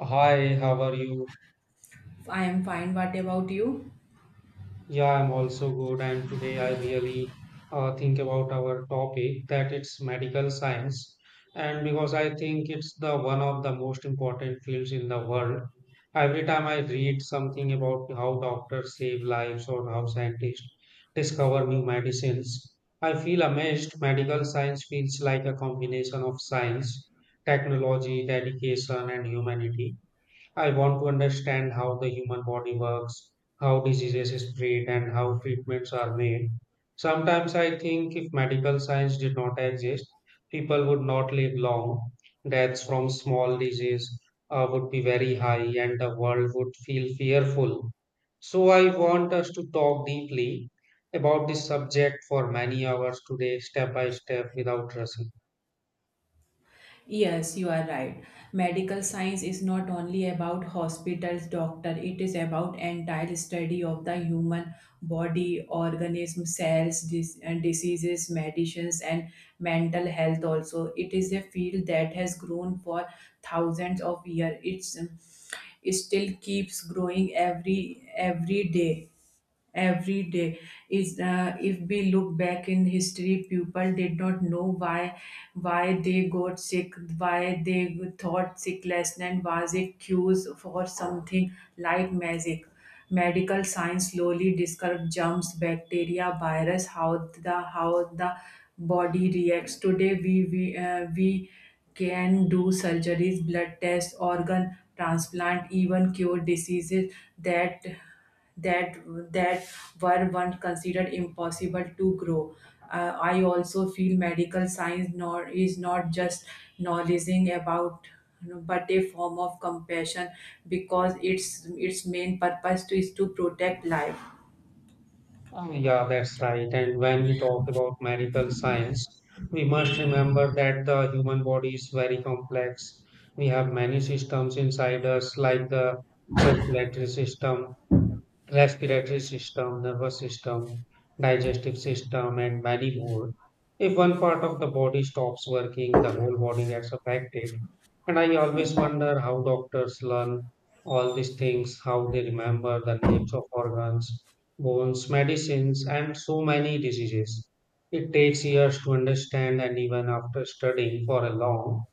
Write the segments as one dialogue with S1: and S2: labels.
S1: Hi, how are you?
S2: I am fine. What about you?
S1: Yeah, I'm also good. And today I really think about our topic that it's medical science. And because I think it's the one of the most important fields in the world, every time I read something about how doctors save lives or how scientists discover new medicines, I feel amazed. Medical science feels like a combination of science, technology, dedication, and humanity. I want to understand how the human body works, how diseases spread, and how treatments are made. Sometimes I think if medical science did not exist, people would not live long. Deaths from small disease would be very high, and the world would feel fearful. So I want us to talk deeply about this subject for many hours today, step by step, without rushing.
S2: Yes, you are right. Medical science is not only about hospitals, doctor. It is about entire study of the human body, organism, cells, and diseases, medicines, and mental health. Also, it is a field that has grown for thousands of years. It still keeps growing every day. Every day is If we look back in history, people did not know why they got sick, why they thought sickness and was a cures for something like magic. Medical science slowly discovered germs, bacteria, virus, how the body reacts. Today we can do surgeries, blood tests, organ transplant, even cure diseases that that that were once considered impossible to grow. I also feel medical science nor is not just knowledging about, but a form of compassion, because its main purpose is to protect life.
S1: Yeah, that's right. And when we talk about medical science, we must remember that the human body is very complex. We have many systems inside us, like the circulatory system, respiratory system, nervous system, digestive system, and many more. If one part of the body stops working, the whole body gets affected. And I always wonder how doctors learn all these things, how they remember the names of organs, bones, medicines, and so many diseases. It takes years to understand, and even after studying for a long,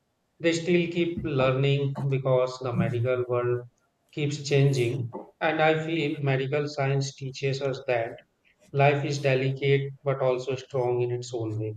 S1: they still keep learning because the medical world keeps changing, and I feel medical science teaches us that life is delicate but also strong in its own way.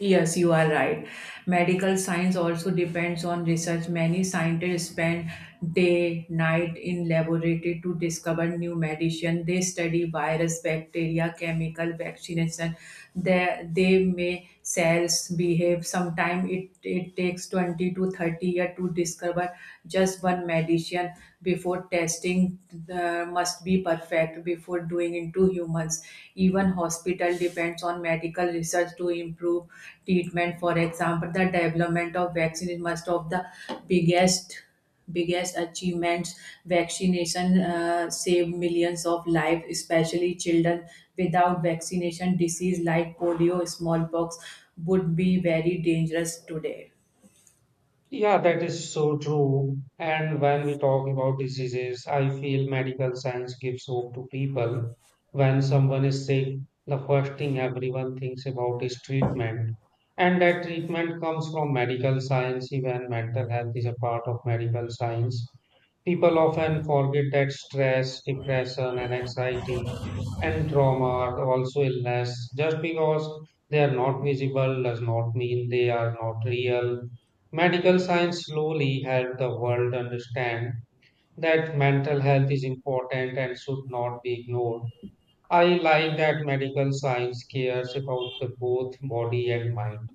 S2: Yes, you are right. Medical science also depends on research. Many scientists spend day, night in laboratory to discover new medicine. They study virus, bacteria, chemical vaccination. They may cells behave. Sometimes it takes 20 to 30 years to discover just one medicine before testing. Must be perfect before doing into humans. Even hospital depends on medical research to improve treatment. For example, the development of vaccine is most of the biggest biggest achievements. Vaccination saved millions of lives, especially children. Without vaccination, disease like polio, smallpox would be very dangerous today.
S1: Yeah, that is so true. And when we talk about diseases, I feel medical science gives hope to people. When someone is sick, the first thing everyone thinks about is treatment. And that treatment comes from medical science, even mental health is a part of medical science. People often forget that stress, depression, and anxiety and trauma are also illness. Just because they are not visible does not mean they are not real. Medical science slowly helped the world understand that mental health is important and should not be ignored. I like that medical science cares about the both body and mind.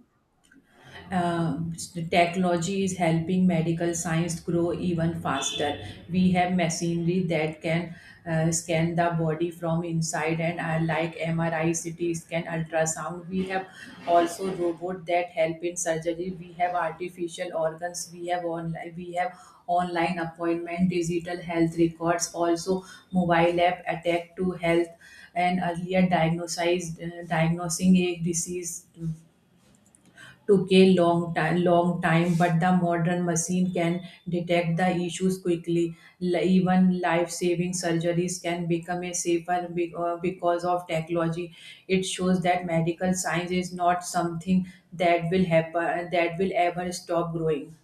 S2: Um, Technology is helping medical science grow even faster. We have machinery that can scan the body from inside, and like MRI, CT scan, ultrasound. We have also robot that help in surgery. We have artificial organs. We have online appointment, digital health records, also mobile app attack to health and earlier diagnosis. Diagnosing a disease took a long time, but the modern machine can detect the issues quickly. Even life-saving surgeries can become a safer because of technology. It shows that medical science is not something that will ever stop growing.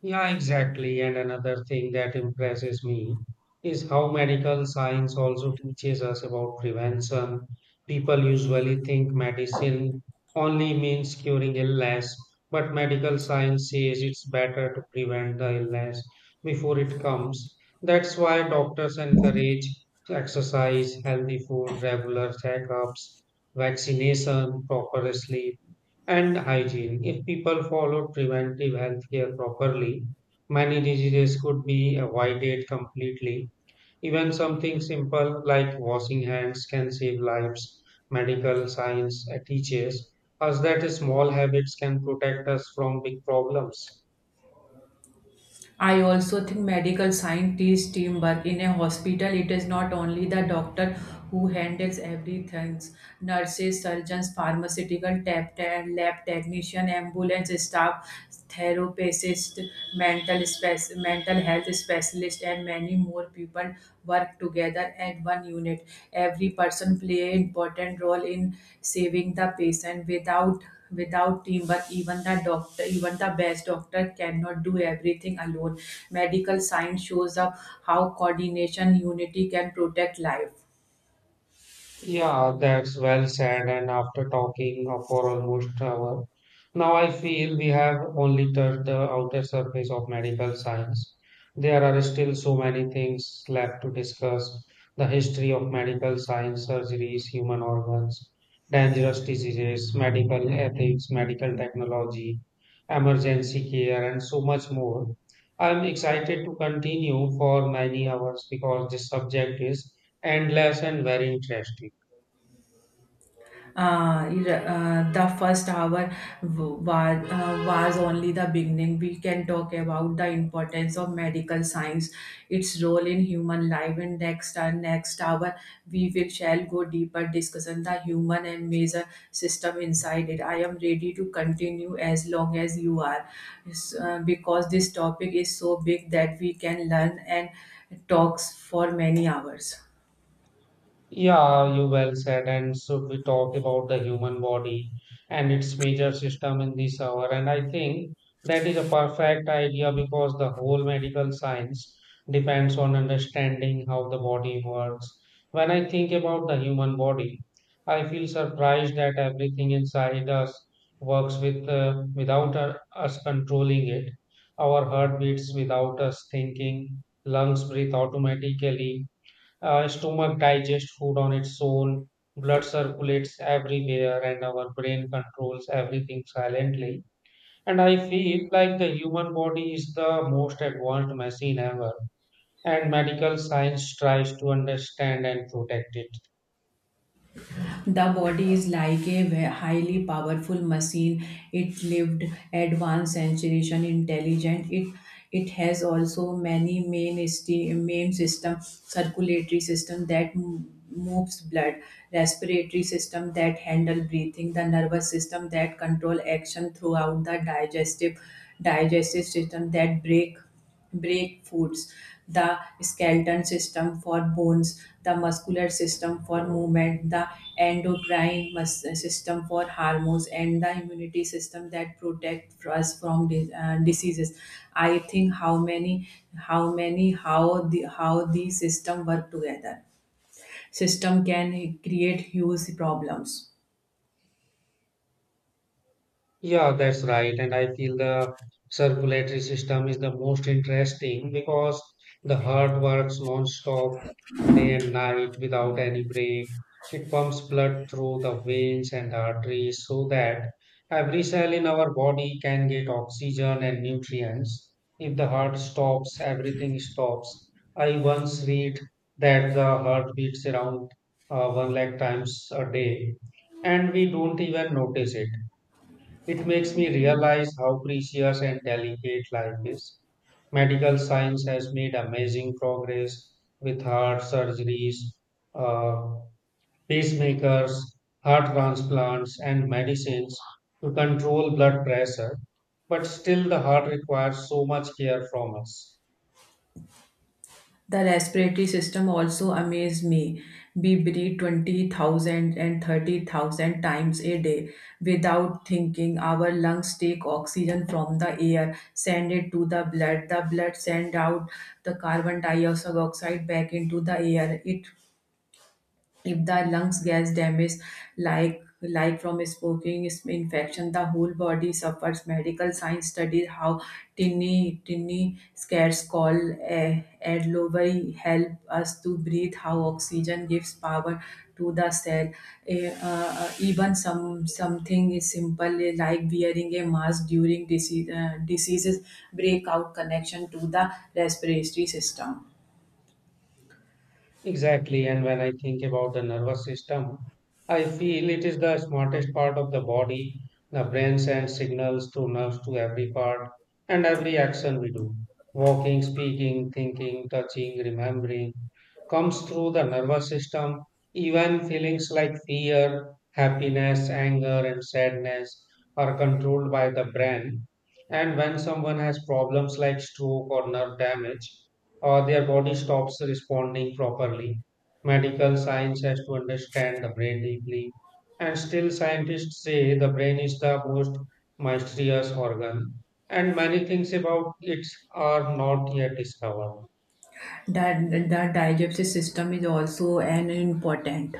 S1: Yeah, exactly. And another thing that impresses me is how medical science also teaches us about prevention. People usually think medicine only means curing illness, but medical science says it's better to prevent the illness before it comes. That's why doctors encourage exercise, healthy food, regular checkups, vaccination, proper sleep. And hygiene. If people follow preventive health care properly, many diseases could be avoided completely. Even something simple like washing hands can save lives. Medical science teaches us that small habits can protect us from big problems.
S2: I also think medical scientists teamwork in a hospital. It is not only the doctor who handles everything. Nurses, surgeons, pharmaceutical tap tech, lab technician, ambulance staff, therapists, mental health specialist, and many more people work together as one unit. Every person play an important role in saving the patient. Without teamwork, even the best doctor cannot do everything alone. Medical science shows up how coordination, unity can protect life.
S1: Yeah, that's well said. And after talking for almost an hour, now I feel we have only touched the outer surface of medical science. There are still so many things left to discuss: the history of medical science, surgeries, human organs, dangerous diseases, medical ethics, medical technology, emergency care, and so much more. I'm excited to continue for many hours because this subject is endless and very interesting.
S2: uh, the first hour was only the beginning. We can talk about the importance of medical science, its role in human life, and next hour we will shall go deeper discussion the human and major system inside it. I am ready to continue as long as you are, because this topic is so big that we can learn and talks for many hours.
S1: Yeah, you well said. And so we talk about the human body and its major system in this hour. And I think that is a perfect idea because the whole medical science depends on understanding how the body works. When I think about the human body, I feel surprised that everything inside us works with without our, us controlling it. Our heart beats without us thinking. Lungs breathe automatically, our stomach digests food on its own, blood circulates everywhere, and our brain controls everything silently. And I feel like the human body is the most advanced machine ever, and medical science tries to understand and protect it.
S2: The body is like a highly powerful machine. It lived advanced sensation, intelligent. It has also many main system, circulatory system that moves blood, respiratory system that handle breathing, the nervous system that control action throughout the digestive system that break brake foods, the skeleton system for bones, the muscular system for movement, the endocrine system for hormones, and the immunity system that protect us from diseases. I think how these system work together. System can create huge problems.
S1: Yeah, that's right. And I feel the circulatory system is the most interesting because the heart works non-stop day and night without any break. It pumps blood through the veins and arteries so that every cell in our body can get oxygen and nutrients. If the heart stops, everything stops. I once read that the heart beats around one lakh times a day, and we don't even notice it. It makes me realize how precious and delicate life is. Medical science has made amazing progress with heart surgeries, uh, pacemakers, heart transplants, and medicines to control blood pressure, but still, the heart requires so much care from us.
S2: The respiratory system also amazed me. We breathe 20,000 and 30,000 times a day without thinking. Our lungs take oxygen from the air, send it to the blood. The blood send out the carbon dioxide oxide back into the air. It If the lungs gets damaged, like from smoking, infection, the whole body suffers. Medical science studies how tinny scares call, eh, alveoli help us to breathe, how oxygen gives power to the cell. Even something is simple, like wearing a mask during diseases break out connection to the respiratory system.
S1: Exactly, and when I think about the nervous system, I feel it is the smartest part of the body. The brain sends signals to nerves to every part and every action we do. Walking, speaking, thinking, touching, remembering comes through the nervous system. Even feelings like fear, happiness, anger, and sadness are controlled by the brain. And when someone has problems like stroke or nerve damage, or their body stops responding properly. Medical science has to understand the brain deeply, and still scientists say the brain is the most mysterious organ, and many things about it are not yet discovered.
S2: That the digestive system is also an important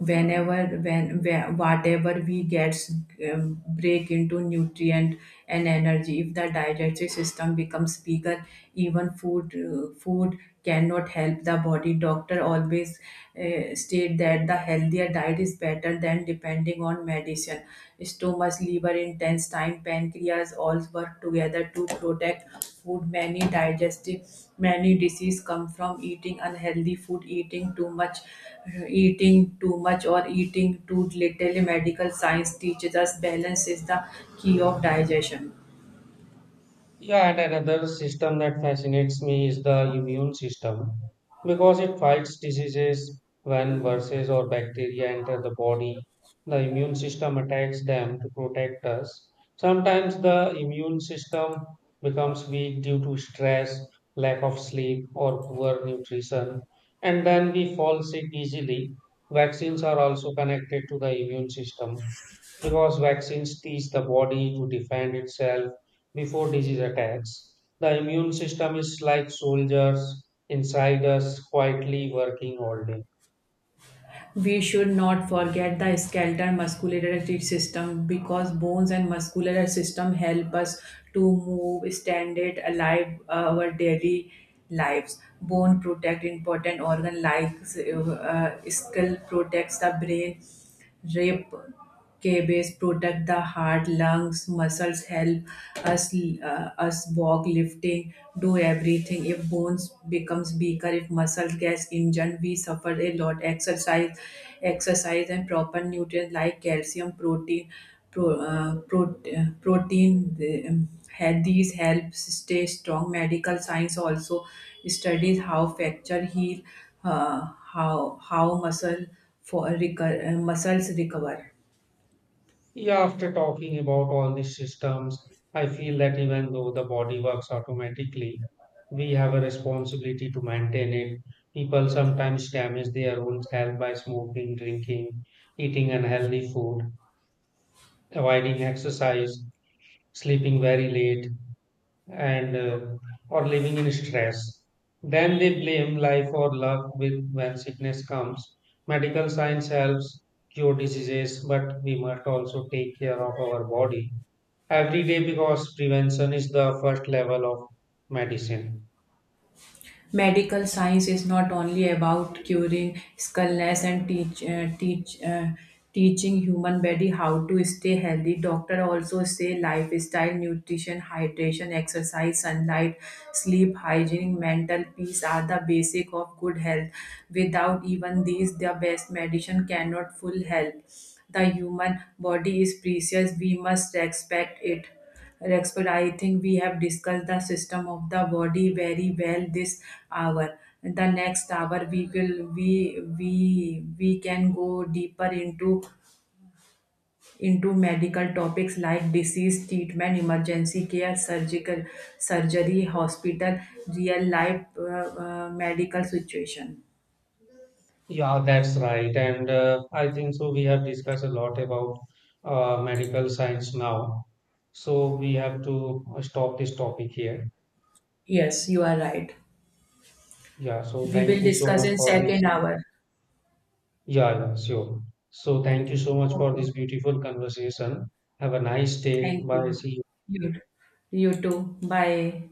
S2: whatever we gets, break into nutrient and energy. If the digestive system becomes bigger, even food cannot help the body. Doctor always state that the healthier diet is better than depending on medicine. Stomach, liver, intestine, pancreas all work together to protect food. Many disease come from eating unhealthy food, eating too much or eating too little. Medical science teaches us balance is the key of digestion.
S1: Yeah, and another system that fascinates me is the immune system because it fights diseases when viruses or bacteria enter the body. The immune system attacks them to protect us. Sometimes the immune system becomes weak due to stress, lack of sleep, or poor nutrition, and then we fall sick easily. Vaccines are also connected to the immune system because vaccines teach the body to defend itself before disease attacks. The immune system is like soldiers inside us, quietly working all day.
S2: We should not forget the skeletal muscular system, because bones and muscular system help us to move, stand it alive our daily lives. Bone protect important organ like skull protects the brain. Rib cabbage protect the heart, lungs, muscles, help us walk, lifting, do everything. If bones becomes weaker, if muscles gets injured, we suffer a lot. Exercise and proper nutrients like calcium, protein. Had these help stay strong. Medical science also studies how fracture heal, uh, how muscles recover.
S1: Yeah, after talking about all these systems, I feel that even though the body works automatically, we have a responsibility to maintain it. People sometimes damage their own health by smoking, drinking, eating unhealthy food, avoiding exercise, sleeping very late, and or living in stress. Then they blame life or luck with when sickness comes. Medical science helps cure diseases, but we must also take care of our body every day because prevention is the first level of medicine.
S2: Medical science is not only about curing illness and teaching human body how to stay healthy. Doctor also say lifestyle, nutrition, hydration, exercise, sunlight, sleep hygiene, mental peace are the basic of good health. Without even these, the best medicine cannot full help. The human body is precious, we must respect it respect I think we have discussed the system of the body very well this hour. In the next hour, we will we we can go deeper into medical topics like disease treatment, emergency care, surgical surgery, hospital, real life medical situation.
S1: Yeah, that's right. And I think so. We have discussed a lot about medical science now. So we have to stop this topic here.
S2: Yes, you are right.
S1: Yeah, so
S2: We will
S1: thank you so
S2: discuss
S1: much
S2: in
S1: for this.
S2: second hour.
S1: Yeah, yeah, sure. So thank you so much for
S2: Okay.
S1: this beautiful conversation. Have a nice day.
S2: Thank
S1: Bye.
S2: you.
S1: See you.
S2: You, you too. Bye.